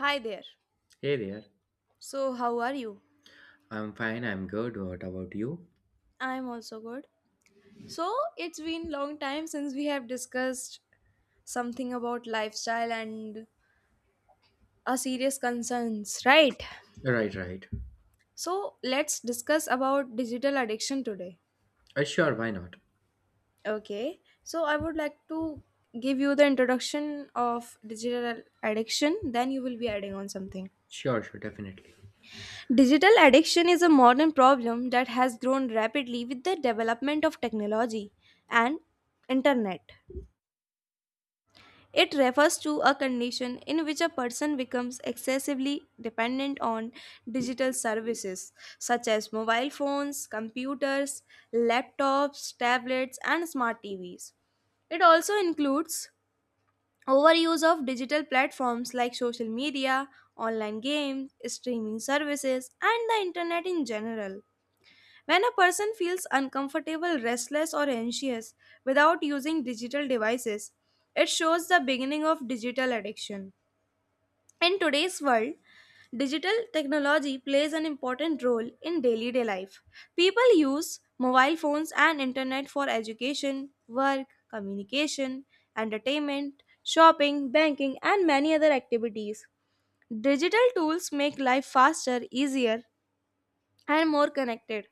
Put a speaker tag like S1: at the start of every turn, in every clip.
S1: Hi there.
S2: Hey there.
S1: So, how are you?
S2: I'm fine, I'm good. What about you?
S1: I'm also good. So, it's been long time since we have discussed something about lifestyle and a serious concerns, right?
S2: Right, right.
S1: So, let's discuss about digital addiction today.
S2: Sure, why not?
S1: Okay. So, I would like to give you the introduction of digital addiction, then you will be adding on something.
S2: Sure, sure, definitely.
S1: Digital addiction is a modern problem that has grown rapidly with the development of technology and internet. It refers to a condition in which a person becomes excessively dependent on digital services such as mobile phones, computers, laptops, tablets, and smart TVs. It also includes overuse of digital platforms like social media, online games, streaming services, and the internet in general. When a person feels uncomfortable, restless, or anxious without using digital devices, it shows the beginning of digital addiction. In today's world, digital technology plays an important role in daily day life. People use mobile phones and internet for education, work, communication, entertainment, shopping, banking, and many other activities. Digital tools make life faster, easier, and more connected.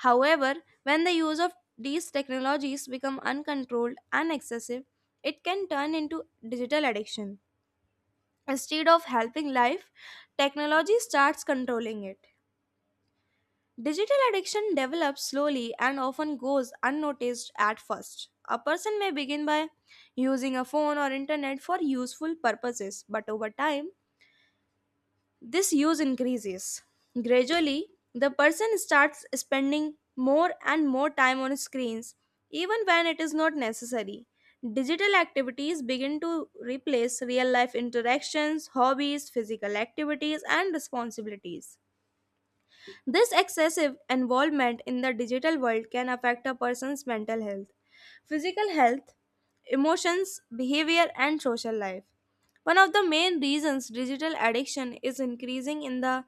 S1: However, when the use of these technologies become uncontrolled and excessive, it can turn into digital addiction. Instead of helping life, technology starts controlling it. Digital addiction develops slowly and often goes unnoticed at first. A person may begin by using a phone or internet for useful purposes, but over time, this use increases. Gradually, the person starts spending more and more time on screens, even when it is not necessary. Digital activities begin to replace real life interactions, hobbies, physical activities, and responsibilities. This excessive involvement in the digital world can affect a person's mental health, physical health, emotions, behavior, and social life. One of the main reasons digital addiction is increasing in the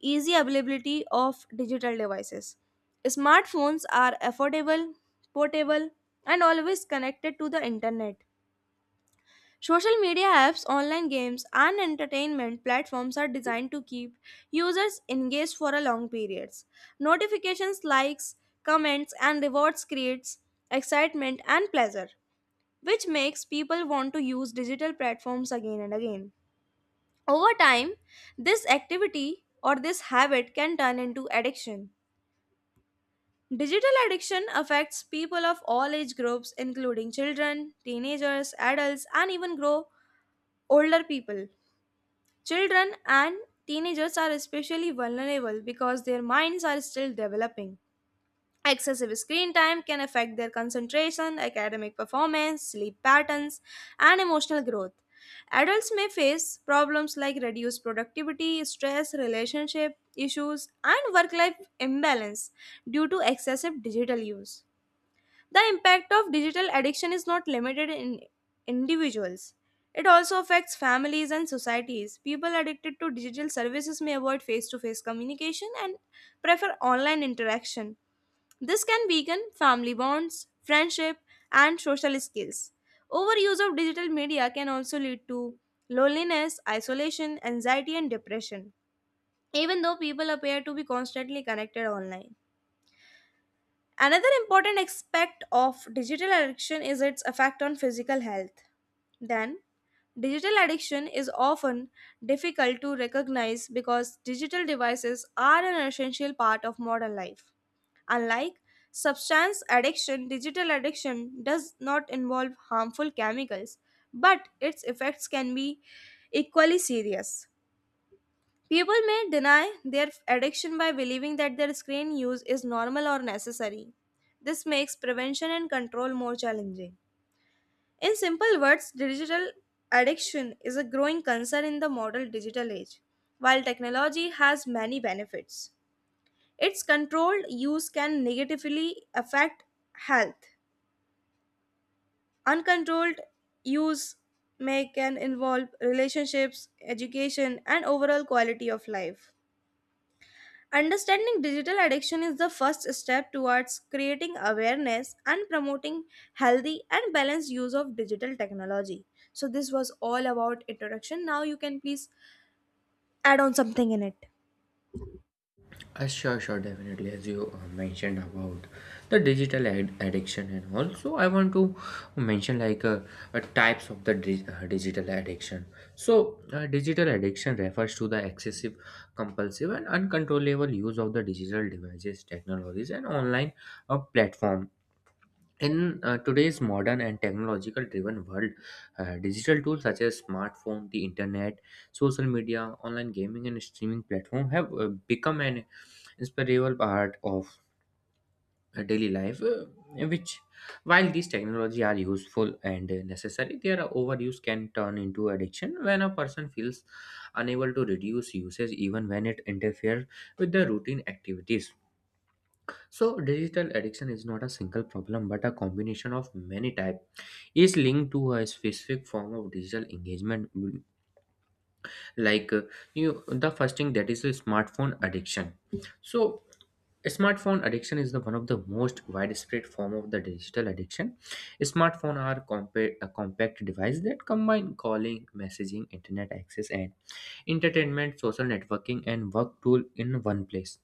S1: easy availability of digital devices. Smartphones are affordable, portable, and always connected to the internet. Social media apps, online games, and entertainment platforms are designed to keep users engaged for a long periods. Notifications, likes, comments, and rewards creates excitement and pleasure, which makes people want to use digital platforms again and again. Over time, this activity or this habit can turn into addiction. Digital addiction affects people of all age groups including children, teenagers, adults, and even grow older people. Children and teenagers are especially vulnerable because their minds are still developing. Excessive screen time can affect their concentration, academic performance, sleep patterns, and emotional growth. Adults may face problems like reduced productivity, stress, relationship issues, and work life imbalance due to excessive digital use. The impact of digital addiction is not limited in individuals. It also affects families and societies. People addicted to digital services may avoid face to face communication and prefer online interaction. This can weaken family bonds, friendship, and social skills. Overuse of digital media can also lead to loneliness, isolation, anxiety, and depression, even though people appear to be constantly connected online. Another important aspect of digital addiction is its effect on physical health. Then, digital addiction is often difficult to recognize because digital devices are an essential part of modern life. Unlike substance addiction, digital addiction does not involve harmful chemicals, but its effects can be equally serious. People may deny their addiction by believing that their screen use is normal or necessary. This makes prevention and control more challenging. In simple words, digital addiction is a growing concern in the modern digital age. While technology has many benefits, its controlled use can negatively affect health. Uncontrolled use may can involve relationships, education, and overall quality of life. Understanding digital addiction is the first step towards creating awareness and promoting healthy and balanced use of digital technology. So, this was all about introduction. Now, you can please add on something in it.
S2: Sure, sure, definitely. As you mentioned about the addiction and all, so I want to mention like types of the digital addiction. So, digital addiction refers to the excessive, compulsive, and uncontrollable use of the digital devices, technologies, and online platform. In today's modern and technological driven world, digital tools such as smartphone, the internet, social media, online gaming, and streaming platform have become an inseparable part of daily life. Which, while these technology are useful and necessary, their overuse can turn into addiction when a person feels unable to reduce usage, even when it interferes with their routine activities. So, digital addiction is not a single problem but a combination of many types is linked to a specific form of digital engagement, mm, like you the first thing that is a smartphone addiction. So smartphone addiction is the one of the most widespread form of the digital addiction. A compact device that combine calling, messaging, internet access, and entertainment, social networking, and work tool in one place.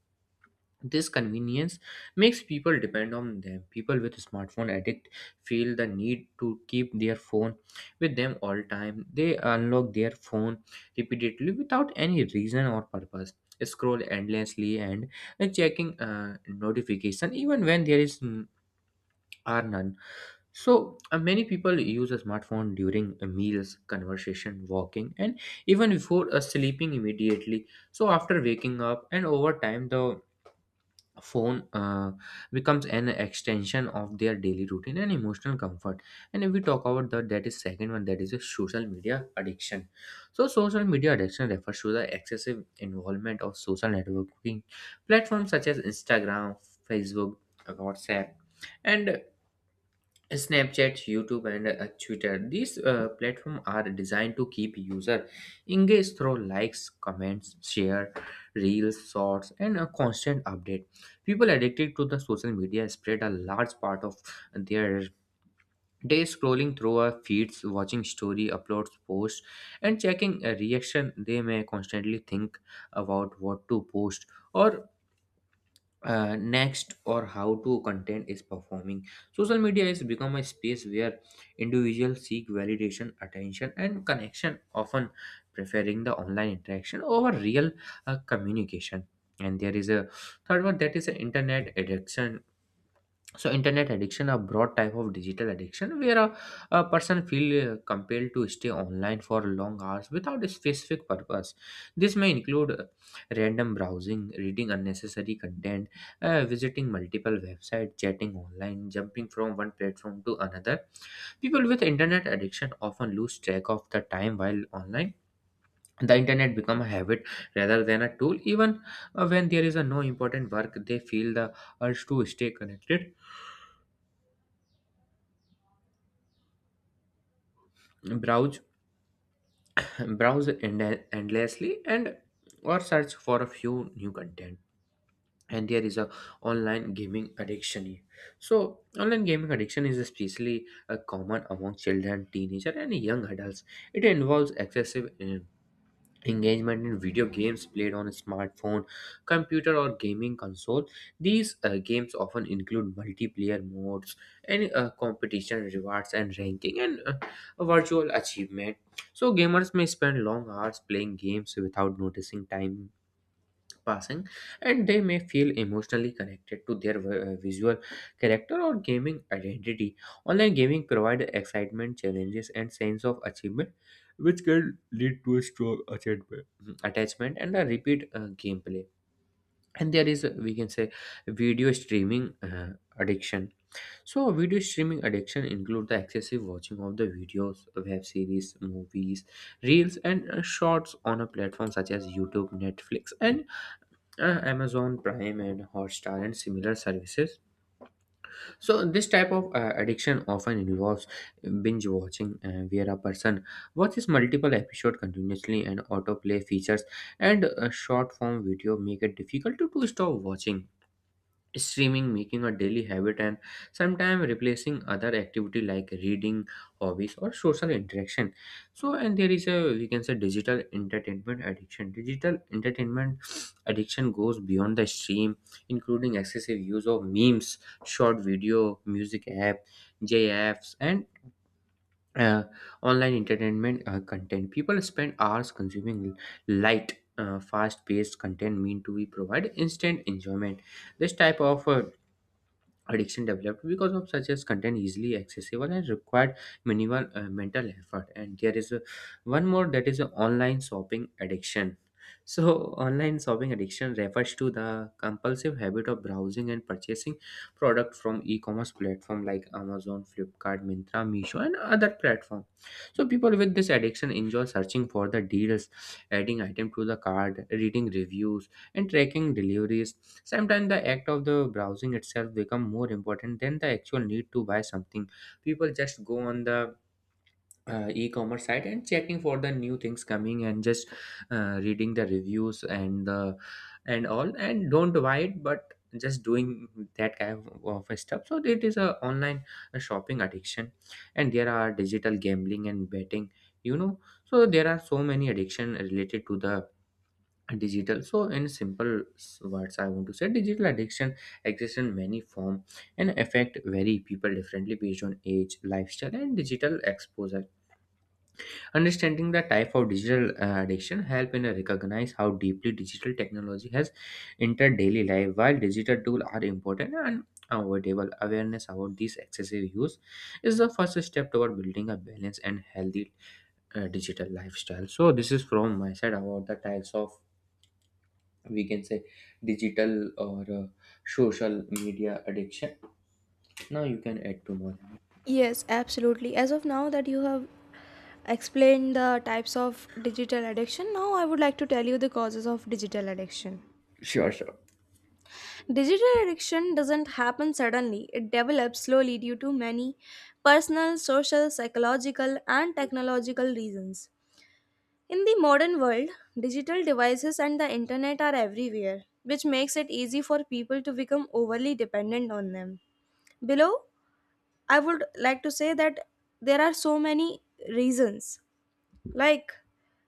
S2: This convenience makes people depend on them. People with smartphone addict feel the need to keep their phone with them all time. They unlock their phone repeatedly without any reason or purpose, scroll endlessly, and checking notification even when there are none. So many people use a smartphone during meals, conversation, walking, and even before sleeping immediately, so after waking up. And over time the phone becomes an extension of their daily routine and emotional comfort. And if we talk about the that is second one, that is a social media addiction. So social media addiction refers to the excessive involvement of social networking platforms such as Instagram, Facebook, WhatsApp, and Snapchat, YouTube, and Twitter. These platforms are designed to keep user engaged through likes, comments, share, reels, shorts, and a constant update. People addicted to the social media spread a large part of their day scrolling through our feeds, watching story uploads, posts, and checking a reaction. They may constantly think about what to post or next, or how to content is performing. Social media has become a space where individuals seek validation, attention, and connection, often preferring the online interaction over real communication. And there is a third one, that is an internet addiction. So internet addiction, a broad type of digital addiction where a person feel compelled to stay online for long hours without a specific purpose. This may include random browsing, reading unnecessary content, visiting multiple websites, chatting online, jumping from one platform to another. People with internet addiction often lose track of the time while online. The internet become a habit rather than a tool. Even when there is a no important work, they feel the urge to stay connected, browse endlessly, and or search for a few new content. And there is a online gaming addiction here. So online gaming addiction is especially common among children, teenagers, and young adults. It involves excessive engagement in video games played on a smartphone, computer, or gaming console. These games often include multiplayer modes and competition, rewards, and ranking, and virtual achievement. So gamers may spend long hours playing games without noticing time passing, and they may feel emotionally connected to their visual character or gaming identity. Online gaming provides excitement, challenges, and sense of achievement, which can lead to a strong attachment and a repeat gameplay. And there is, we can say, video streaming addiction. So video streaming addiction include the excessive watching of the videos, web series, movies, reels, and shorts on a platform such as YouTube, Netflix, and Amazon Prime, and Hotstar, and similar services. So, this type of addiction often involves binge watching, where a person watches multiple episodes continuously, and autoplay features and short form video make it difficult to stop watching. Streaming making a daily habit, and sometimes replacing other activity like reading, hobbies, or social interaction. So and there is a, we can say, digital entertainment addiction. Digital entertainment addiction goes beyond the stream, including excessive use of memes, short video, music app, jfs, and uh, online entertainment content. People spend hours consuming light fast-paced content mean to be provide instant enjoyment. This type of addiction developed because of such as content easily accessible and required minimal mental effort. And there is a, one more, that is a online shopping addiction. So online shopping addiction refers to the compulsive habit of browsing and purchasing product from e-commerce platform like Amazon, Flipkart, Mintra, Meesho, and other platform. So people with this addiction enjoy searching for the deals, adding item to the cart, reading reviews, in tracking deliveries. Sometimes the act of the browsing itself become more important than the actual need to buy something. People just go on the e-commerce site and checking for the new things coming and just reading the reviews and the and all and don't buy it, but just doing that kind of stuff. So it is a online shopping addiction. And there are digital gambling and betting, you know. So there are so many addiction related to the digital. So in words, I want to say digital addiction exists in many form, and affect very people differently based on age, lifestyle, and digital exposure. Understanding the type of digital addiction help in recognize how deeply digital technology has entered daily life. While digital tools are important and avoidable, awareness about this excessive use is the first step toward building a balanced and healthy digital lifestyle. So this is from my side about the types of, we can say, digital or social media addiction. Now you can add two more in it.
S1: Yes, absolutely. As of now, that you have explained the types of digital addiction, now I would like to tell you the causes of digital addiction.
S2: Sure, sure.
S1: Digital addiction doesn't happen suddenly, it develops slowly due to many personal, social, psychological, and technological reasons. In the modern world, digital devices and the internet are everywhere, which makes it easy for people to become overly dependent on them. Below, I would like to say that there are so many reasons. Like,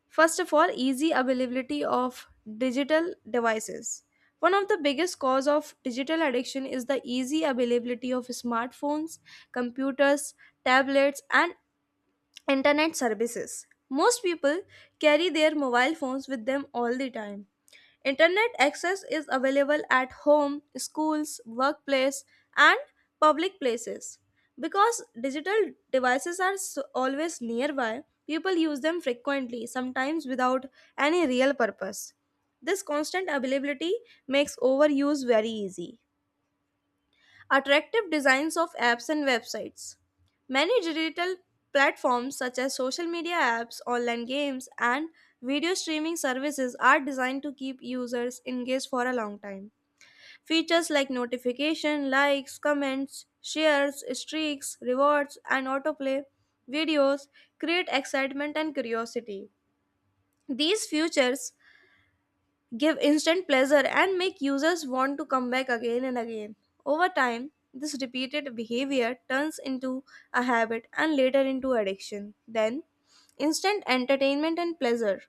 S1: first of all, easy availability of digital devices. One of the biggest cause of digital addiction is the easy availability of smartphones, computers, tablets and internet services. Most people carry their mobile phones with them all the time. Internet access is available at home, schools, workplace, and public places. Because digital devices are always nearby, people use them frequently, sometimes without any real purpose. This constant availability makes overuse very easy. Attractive designs of apps and websites. Many digital platforms such as social media apps, online games, and video streaming services are designed to keep users engaged for a long time. Features like notification, likes, comments, shares, streaks, rewards, and autoplay videos create excitement and curiosity. These features give instant pleasure and make users want to come back again and again. Over time, this repeated behavior turns into a habit and later into addiction. Then, instant entertainment and pleasure.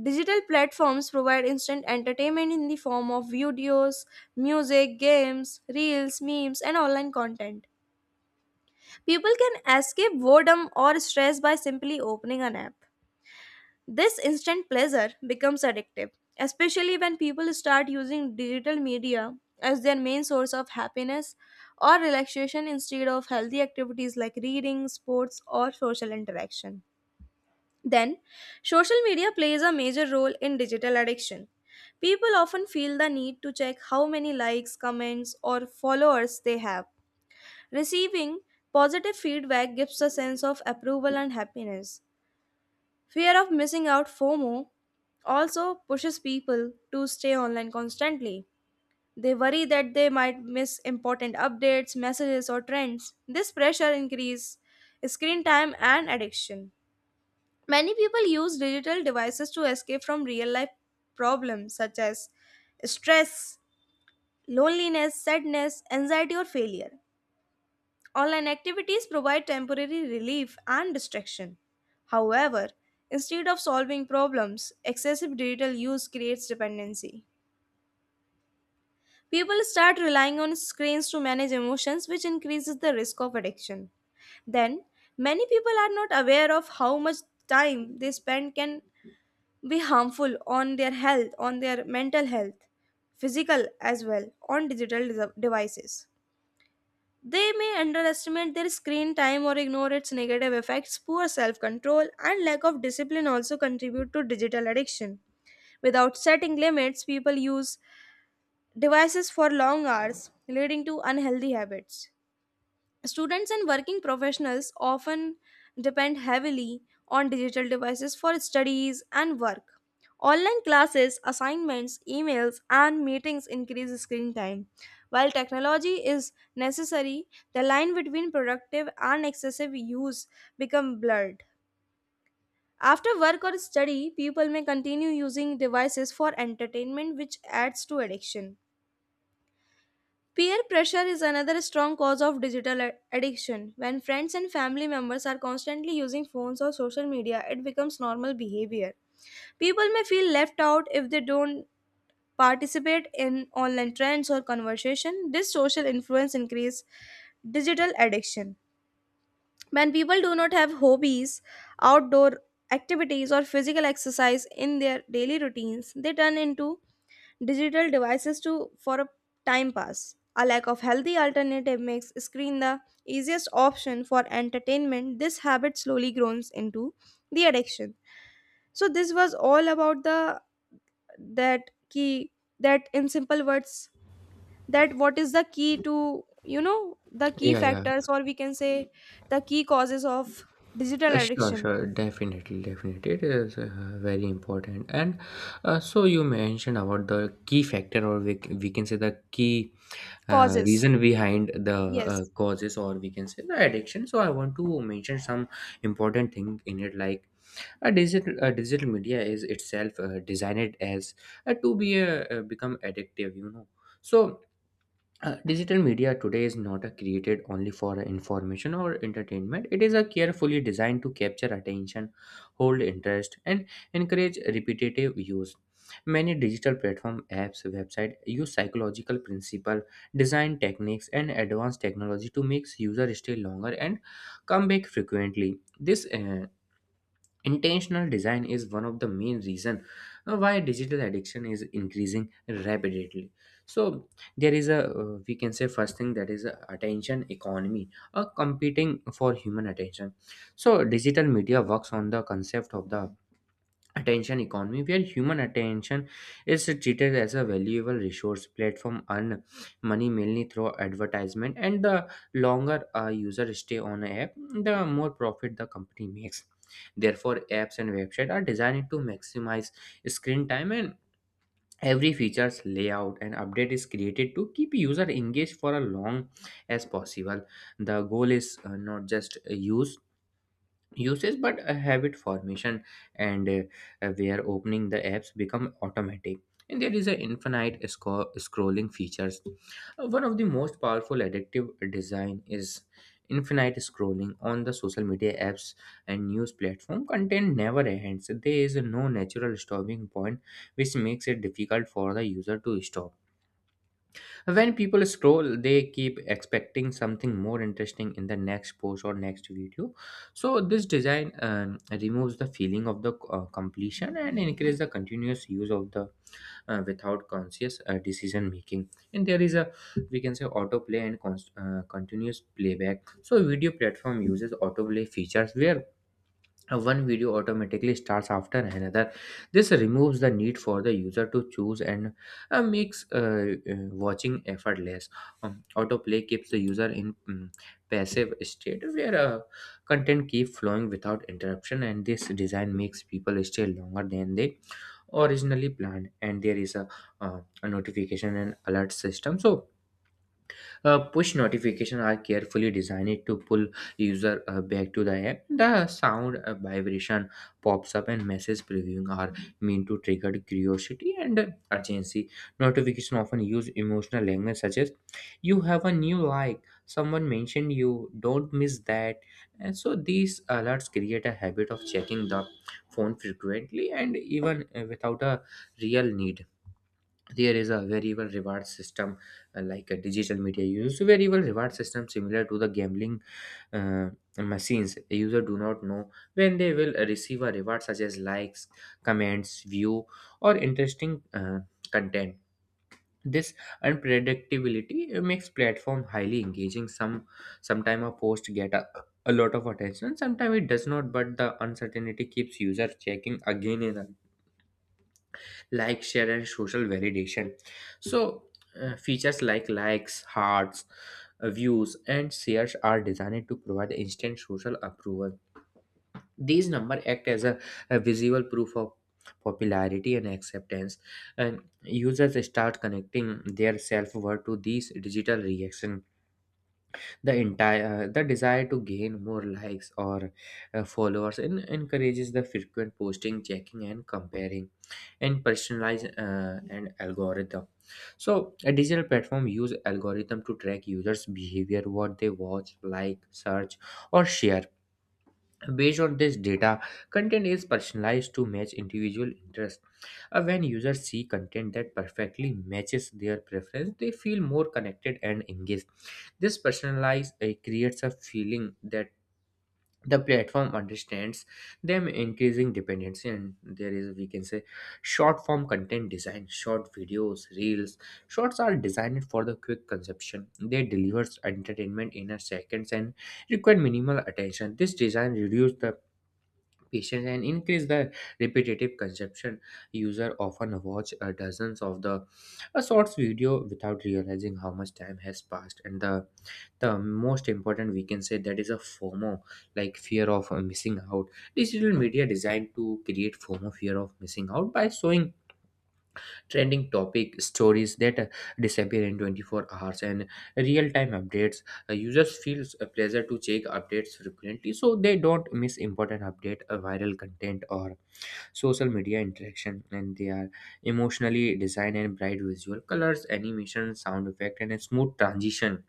S1: Digital platforms provide instant entertainment in the form of videos, music, games, reels, memes, and online content. People can escape boredom or stress by simply opening an app. This instant pleasure becomes addictive, especially when people start using digital media as their main source of happiness or relaxation instead of healthy activities like reading, sports, or social interaction. Then, social media plays a major role in digital addiction. People often feel the need to check how many likes, comments, or followers they have. Receiving positive feedback gives a sense of approval and happiness. Fear of missing out, FOMO, also pushes people to stay online constantly. They worry that they might miss important updates, messages, or trends. This pressure increases screen time and addiction. Many people use digital devices to escape from real life problems such as stress, loneliness, sadness, anxiety, or failure. Online activities provide temporary relief and distraction. However, instead of solving problems, excessive digital use creates dependency. People start relying on screens to manage emotions, which increases the risk of addiction. Then, many people are not aware of how much time they spend can be harmful on their health, on their mental health, physical as well, on devices. They may underestimate their screen time or ignore its negative effects. Poor self control and lack of discipline also contribute to digital addiction. Without setting limits, people use devices for long hours, leading to unhealthy habits. Students and working professionals often depend heavily on digital devices for studies and work. Online classes, assignments, emails, and meetings increase screen time. While technology is necessary, the line between productive and excessive use become blurred. After work or study, people may continue using devices for entertainment, which adds to addiction. Peer pressure is another strong cause of addiction. When friends and family members are constantly using phones or social media, it becomes normal behavior. People may feel left out if they don't participate in online trends or conversation. This social influence increases digital addiction. When people do not have hobbies, outdoor activities or physical exercise in their daily routines, they turn into digital devices to for a time pass. A lack of healthy alternative makes screen the easiest option for entertainment. This habit slowly grows into the addiction. So this was all about the that key, that in simple words, that what is the key to, you know, the key
S2: Yeah, yeah.
S1: factors, or we can say the key causes of digital
S2: Sure,
S1: addiction.
S2: sure, definitely, definitely. It is very important. And so you mentioned about the key factor, or we can say the key
S1: Causes,
S2: reason behind the
S1: yes.
S2: causes, or we can say the addiction. So I want to mention some important thing in it, like, A digital media is itself designed as to be a, become addictive, you know. So, digital media today is not created only for information or entertainment. It is a carefully designed to capture attention, hold interest, and encourage repetitive use. Many digital platform apps, website use psychological principle, design techniques, and advanced technology to make user stay longer and come back frequently. This intentional design is one of the main reason why digital addiction is increasing rapidly. So there is a, we can say, first thing, that is a attention economy, a competing for human attention. So digital media works on the concept of the attention economy where human attention is treated as a valuable resource. Platform earn money mainly through advertisement, and the longer a user stay on an app, the more profit the company makes. Therefore apps and websites are designed to maximize screen time, and every feature's layout and update is created to keep user engaged for a long as possible. The goal is not just uses, but a habit formation, and where opening the apps become automatic. And there is an infinite scrolling features. One of the most powerful addictive design is infinite scrolling. On the social media apps and news platform, content never ends. There is no natural stopping point, which makes it difficult for the user to stop. When people scroll, they keep expecting something more interesting in the next post or next video. So this design removes the feeling of the completion and increase the continuous use of the without conscious decision making. And there is a, we can say, autoplay and continuous playback. So video platform uses autoplay features where one video automatically starts after another. This removes the need for the user to choose, and makes watching effortless. Autoplay keeps the user in passive state where content keep flowing without interruption, and this design makes people stay longer than they originally planned. And there is a notification and alert system. So push notifications are carefully designed to pull user back to the app. The sound, vibration, pops up, and message previewing are meant to trigger curiosity and urgency. Notification often use emotional language such as "You have a new like," "Someone mentioned you," "Don't miss that." And so these alerts create a habit of checking the phone frequently and even without a real need. There is a variable reward system, like a digital media use variable reward system similar to the gambling uh, machines. A user do not know when they will receive a reward such as likes, comments, view, or interesting content. This unpredictability makes platform highly engaging. Sometime a post get a lot of attention, sometimes it does not, but the uncertainty keeps user checking again and again. Like, share, and social validation. so Features like likes, hearts, views, and shares are designed to provide instant social approval. These numbers act as a visual proof of popularity and acceptance, and users start connecting their self-worth to these digital reaction. The entire The desire to gain more likes or followers and encourages the frequent posting, checking, and comparing. And personalize and algorithm. So a digital platform use algorithm to track users behavior, what they watch, like, search, or share. Based on this data, content is personalized to match individual interests. When users see content that perfectly matches their preference, they feel more connected and engaged. This personalized creates a feeling that the platform understands them, increasing dependency. And there is, we can say, short form content design, short videos, reels. Shorts are designed for the quick consumption. They delivers entertainment in a seconds and require minimal attention. This design reduces the patience and increase the repetitive consumption. User often watch dozens of the a short video without realizing how much time has passed. And the most important we can say that is a fomo, like fear of missing out. Digital media designed to create fomo, fear of missing out, by showing trending topic, stories that disappear in 24 hours, and real-time updates. Users feel a pleasure to check updates frequently so they don't miss important update, viral content, or social media interaction. And they are emotionally designed, and bright visual colors, animation, sound effect, and a smooth transition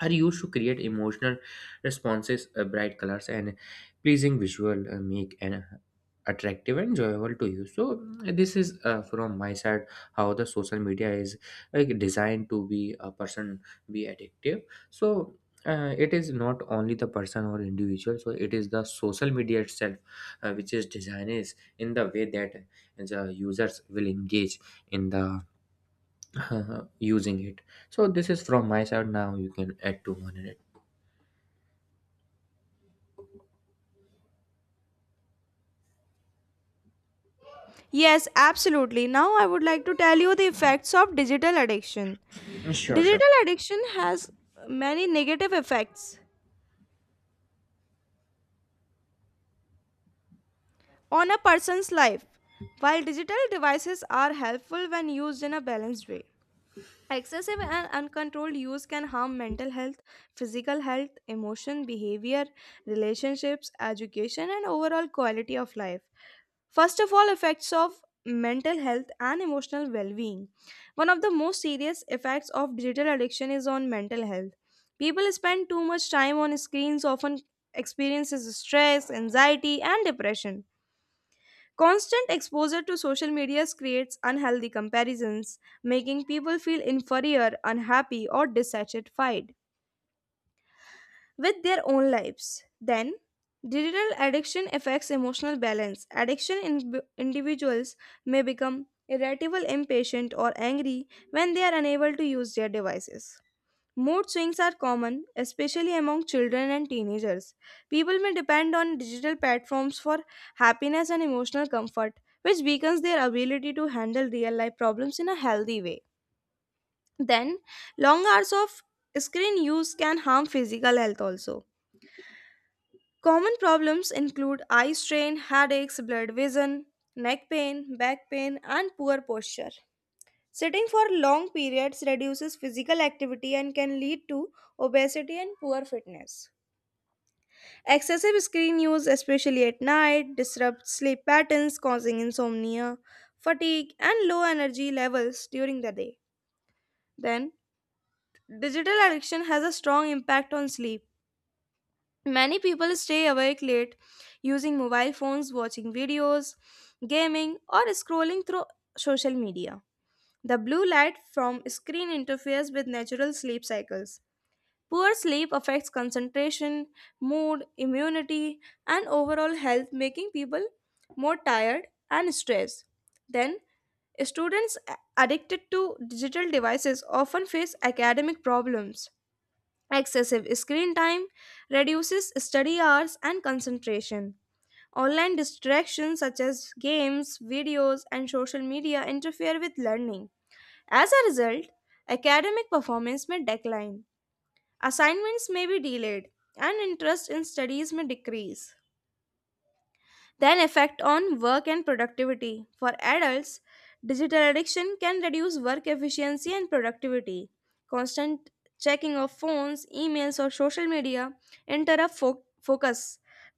S2: are used to create emotional responses. Uh, bright colors and pleasing visual make an attractive and enjoyable to you. So this is from my side how the social media is like designed to be a person be addictive. So. It is not only the person or individual, so it is the social media itself which is designed is in the way that the users will engage in the using it. So this is from my side. Now you can add to one another.
S1: Yes, absolutely. Now I would like to tell you the effects of digital addiction.
S2: Sure, sure.
S1: Digital addiction has many negative effects on a person's life. While digital devices are helpful when used in a balanced way, excessive and uncontrolled use can harm mental health, physical health, emotion, behavior, relationships, education, and overall quality of life. First of all, effects of mental health and emotional well being. One of the most serious effects of digital addiction is on mental health. People spend too much time on screens, often experiences stress, anxiety, and depression. Constant exposure to social media creates unhealthy comparisons, making people feel inferior, unhappy, or dissatisfied with their own lives. Then, digital addiction affects emotional balance. Individuals may become irritable, impatient, or angry when they are unable to use their devices. Mood swings are common, especially among children and teenagers. People may depend on digital platforms for happiness and emotional comfort, which weakens their ability to handle real life problems in a healthy way. Then, long hours of screen use can harm physical health also. Common problems include eye strain, headaches, blurred vision, neck pain, back pain, and poor posture. Sitting for long periods reduces physical activity and can lead to obesity and poor fitness. Excessive screen use, especially at night, disrupts sleep patterns, causing insomnia, fatigue, and low energy levels during the day. Then, digital addiction has a strong impact on sleep. Many people stay awake late using mobile phones, watching videos, gaming, or scrolling through social media. The blue light from screen interferes with natural sleep cycles. Poor sleep affects concentration, mood, immunity, and overall health, making people more tired and stressed. Then, students addicted to digital devices often face academic problems. Excessive screen time reduces study hours and concentration. Online distractions such as games, videos, and social media interfere with learning. As a result, academic performance may decline, assignments may be delayed, and interest in studies may decrease. Then, effect on work and productivity for adults. Digital addiction can reduce work efficiency and productivity. Constant checking of phones, emails, or social media interrupt focus.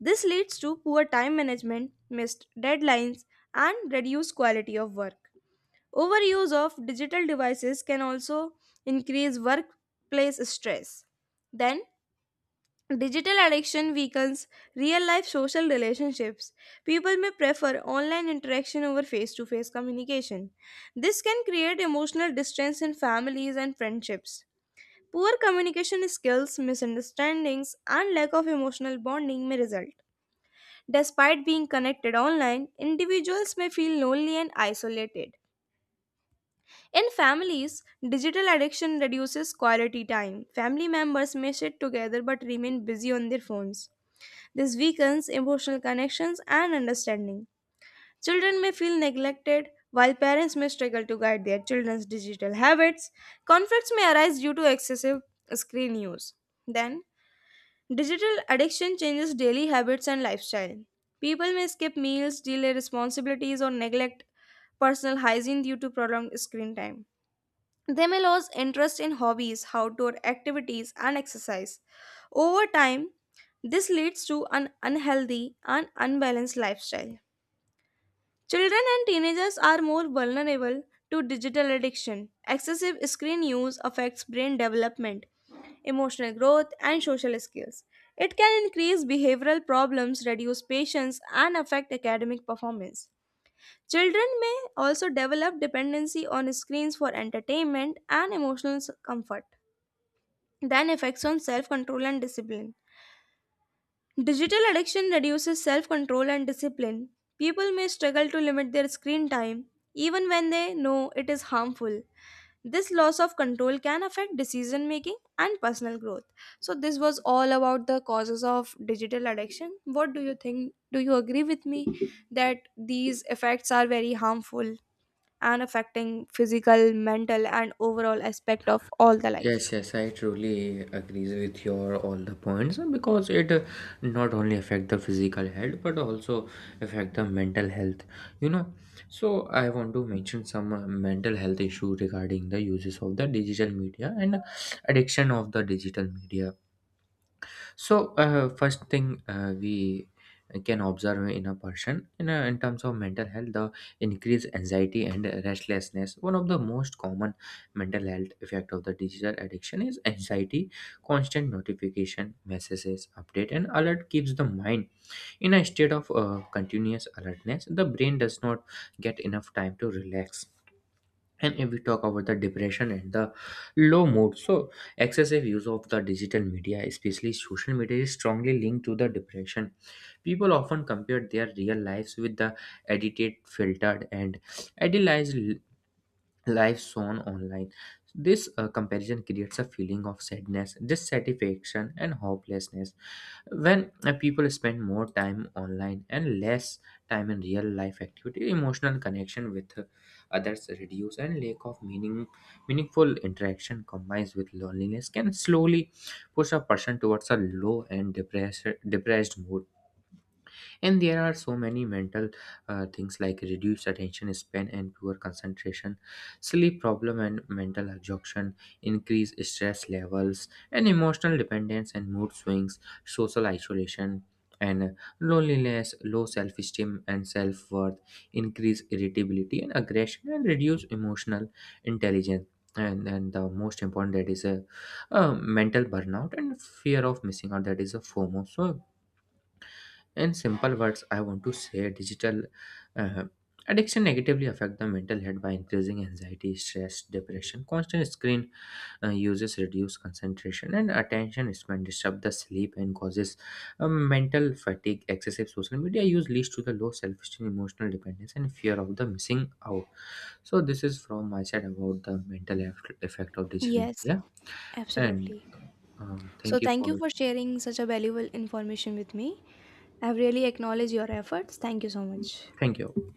S1: This leads to poor time management, missed deadlines, and reduced quality of work. Overuse of digital devices can also increase workplace stress. Then, digital addiction weakens real life social relationships. People may prefer online interaction over face to face communication. This can create emotional distance in families and friendships. Poor communication skills, misunderstandings, and lack of emotional bonding may result. Despite being connected online, individuals may feel lonely and isolated. In families, digital addiction reduces quality time. Family members may sit together but remain busy on their phones. This weakens emotional connections and understanding. Children may feel neglected while parents may struggle to guide their children's digital habits. Conflicts may arise due to excessive screen use. Then, digital addiction changes daily habits and lifestyle. People may skip meals, delay responsibilities, or neglect personal hygiene due to prolonged screen time. They may lose interest in hobbies, outdoor activities, and exercise. Over time, this leads to an unhealthy and unbalanced lifestyle. Children and teenagers are more vulnerable to digital addiction. Excessive screen use affects brain development, emotional growth, and social skills. It can increase behavioral problems, reduce patience, and affect academic performance. Children may also develop dependency on screens for entertainment and emotional comfort. Then, effects on self control and discipline. Digital addiction reduces self control and discipline. People may struggle to limit their screen time, even when they know it is harmful. This loss of control can affect decision making and personal growth. So, this was all about the causes of digital addiction. What do you think? Do you agree with me that these effects are very harmful and affecting physical, mental, and overall aspect of all the
S2: Yes,
S1: life?
S2: yes, I truly agrees with your all the points, because it not only affect the physical health but also affect the mental health. You know, so I want to mention some mental health issue regarding the uses of the digital media and addiction of the digital media. So first thing, we can observe in a person in terms of mental health the increased anxiety and restlessness. One of the most common mental health effect of the digital addiction is anxiety. Constant notification, messages, update, and alert keeps the mind in a state of continuous alertness. The brain does not get enough time to relax. And if we talk about the depression and the low mood, so excessive use of the digital media, especially social media, is strongly linked to the depression. People often compare their real lives with the edited, filtered, and idealized life shown online. This comparison creates a feeling of sadness, dissatisfaction, and hopelessness. When people spend more time online and less time in real life activity, emotional connection with others reduce, and lack of meaningful interaction combines with loneliness can slowly push a person towards a low and depressed mood. And there are so many mental things like reduced attention span and poor concentration, sleep problem and mental exhaustion, increased stress levels and emotional dependence and mood swings, social isolation and loneliness, low self-esteem and self-worth, increase irritability and aggression, and reduce emotional intelligence. And then the most important, that is a mental burnout and fear of missing out, that is a fomo. So in simple words, I want to say digital uh, addiction negatively affect the mental health by increasing anxiety, stress, depression. Constant screen uses reduce concentration and attention span, disturb the sleep, and causes mental fatigue. Excessive social media use leads to the low self-esteem, emotional dependence, and fear of the missing out. So this is from my side about the mental health effect of digital
S1: Yes,
S2: media. And
S1: absolutely.
S2: uh,
S1: So
S2: thank you
S1: thank
S2: for
S1: you for sharing such a valuable information with me. I've really acknowledged your efforts. Thank you so much.
S2: thank you.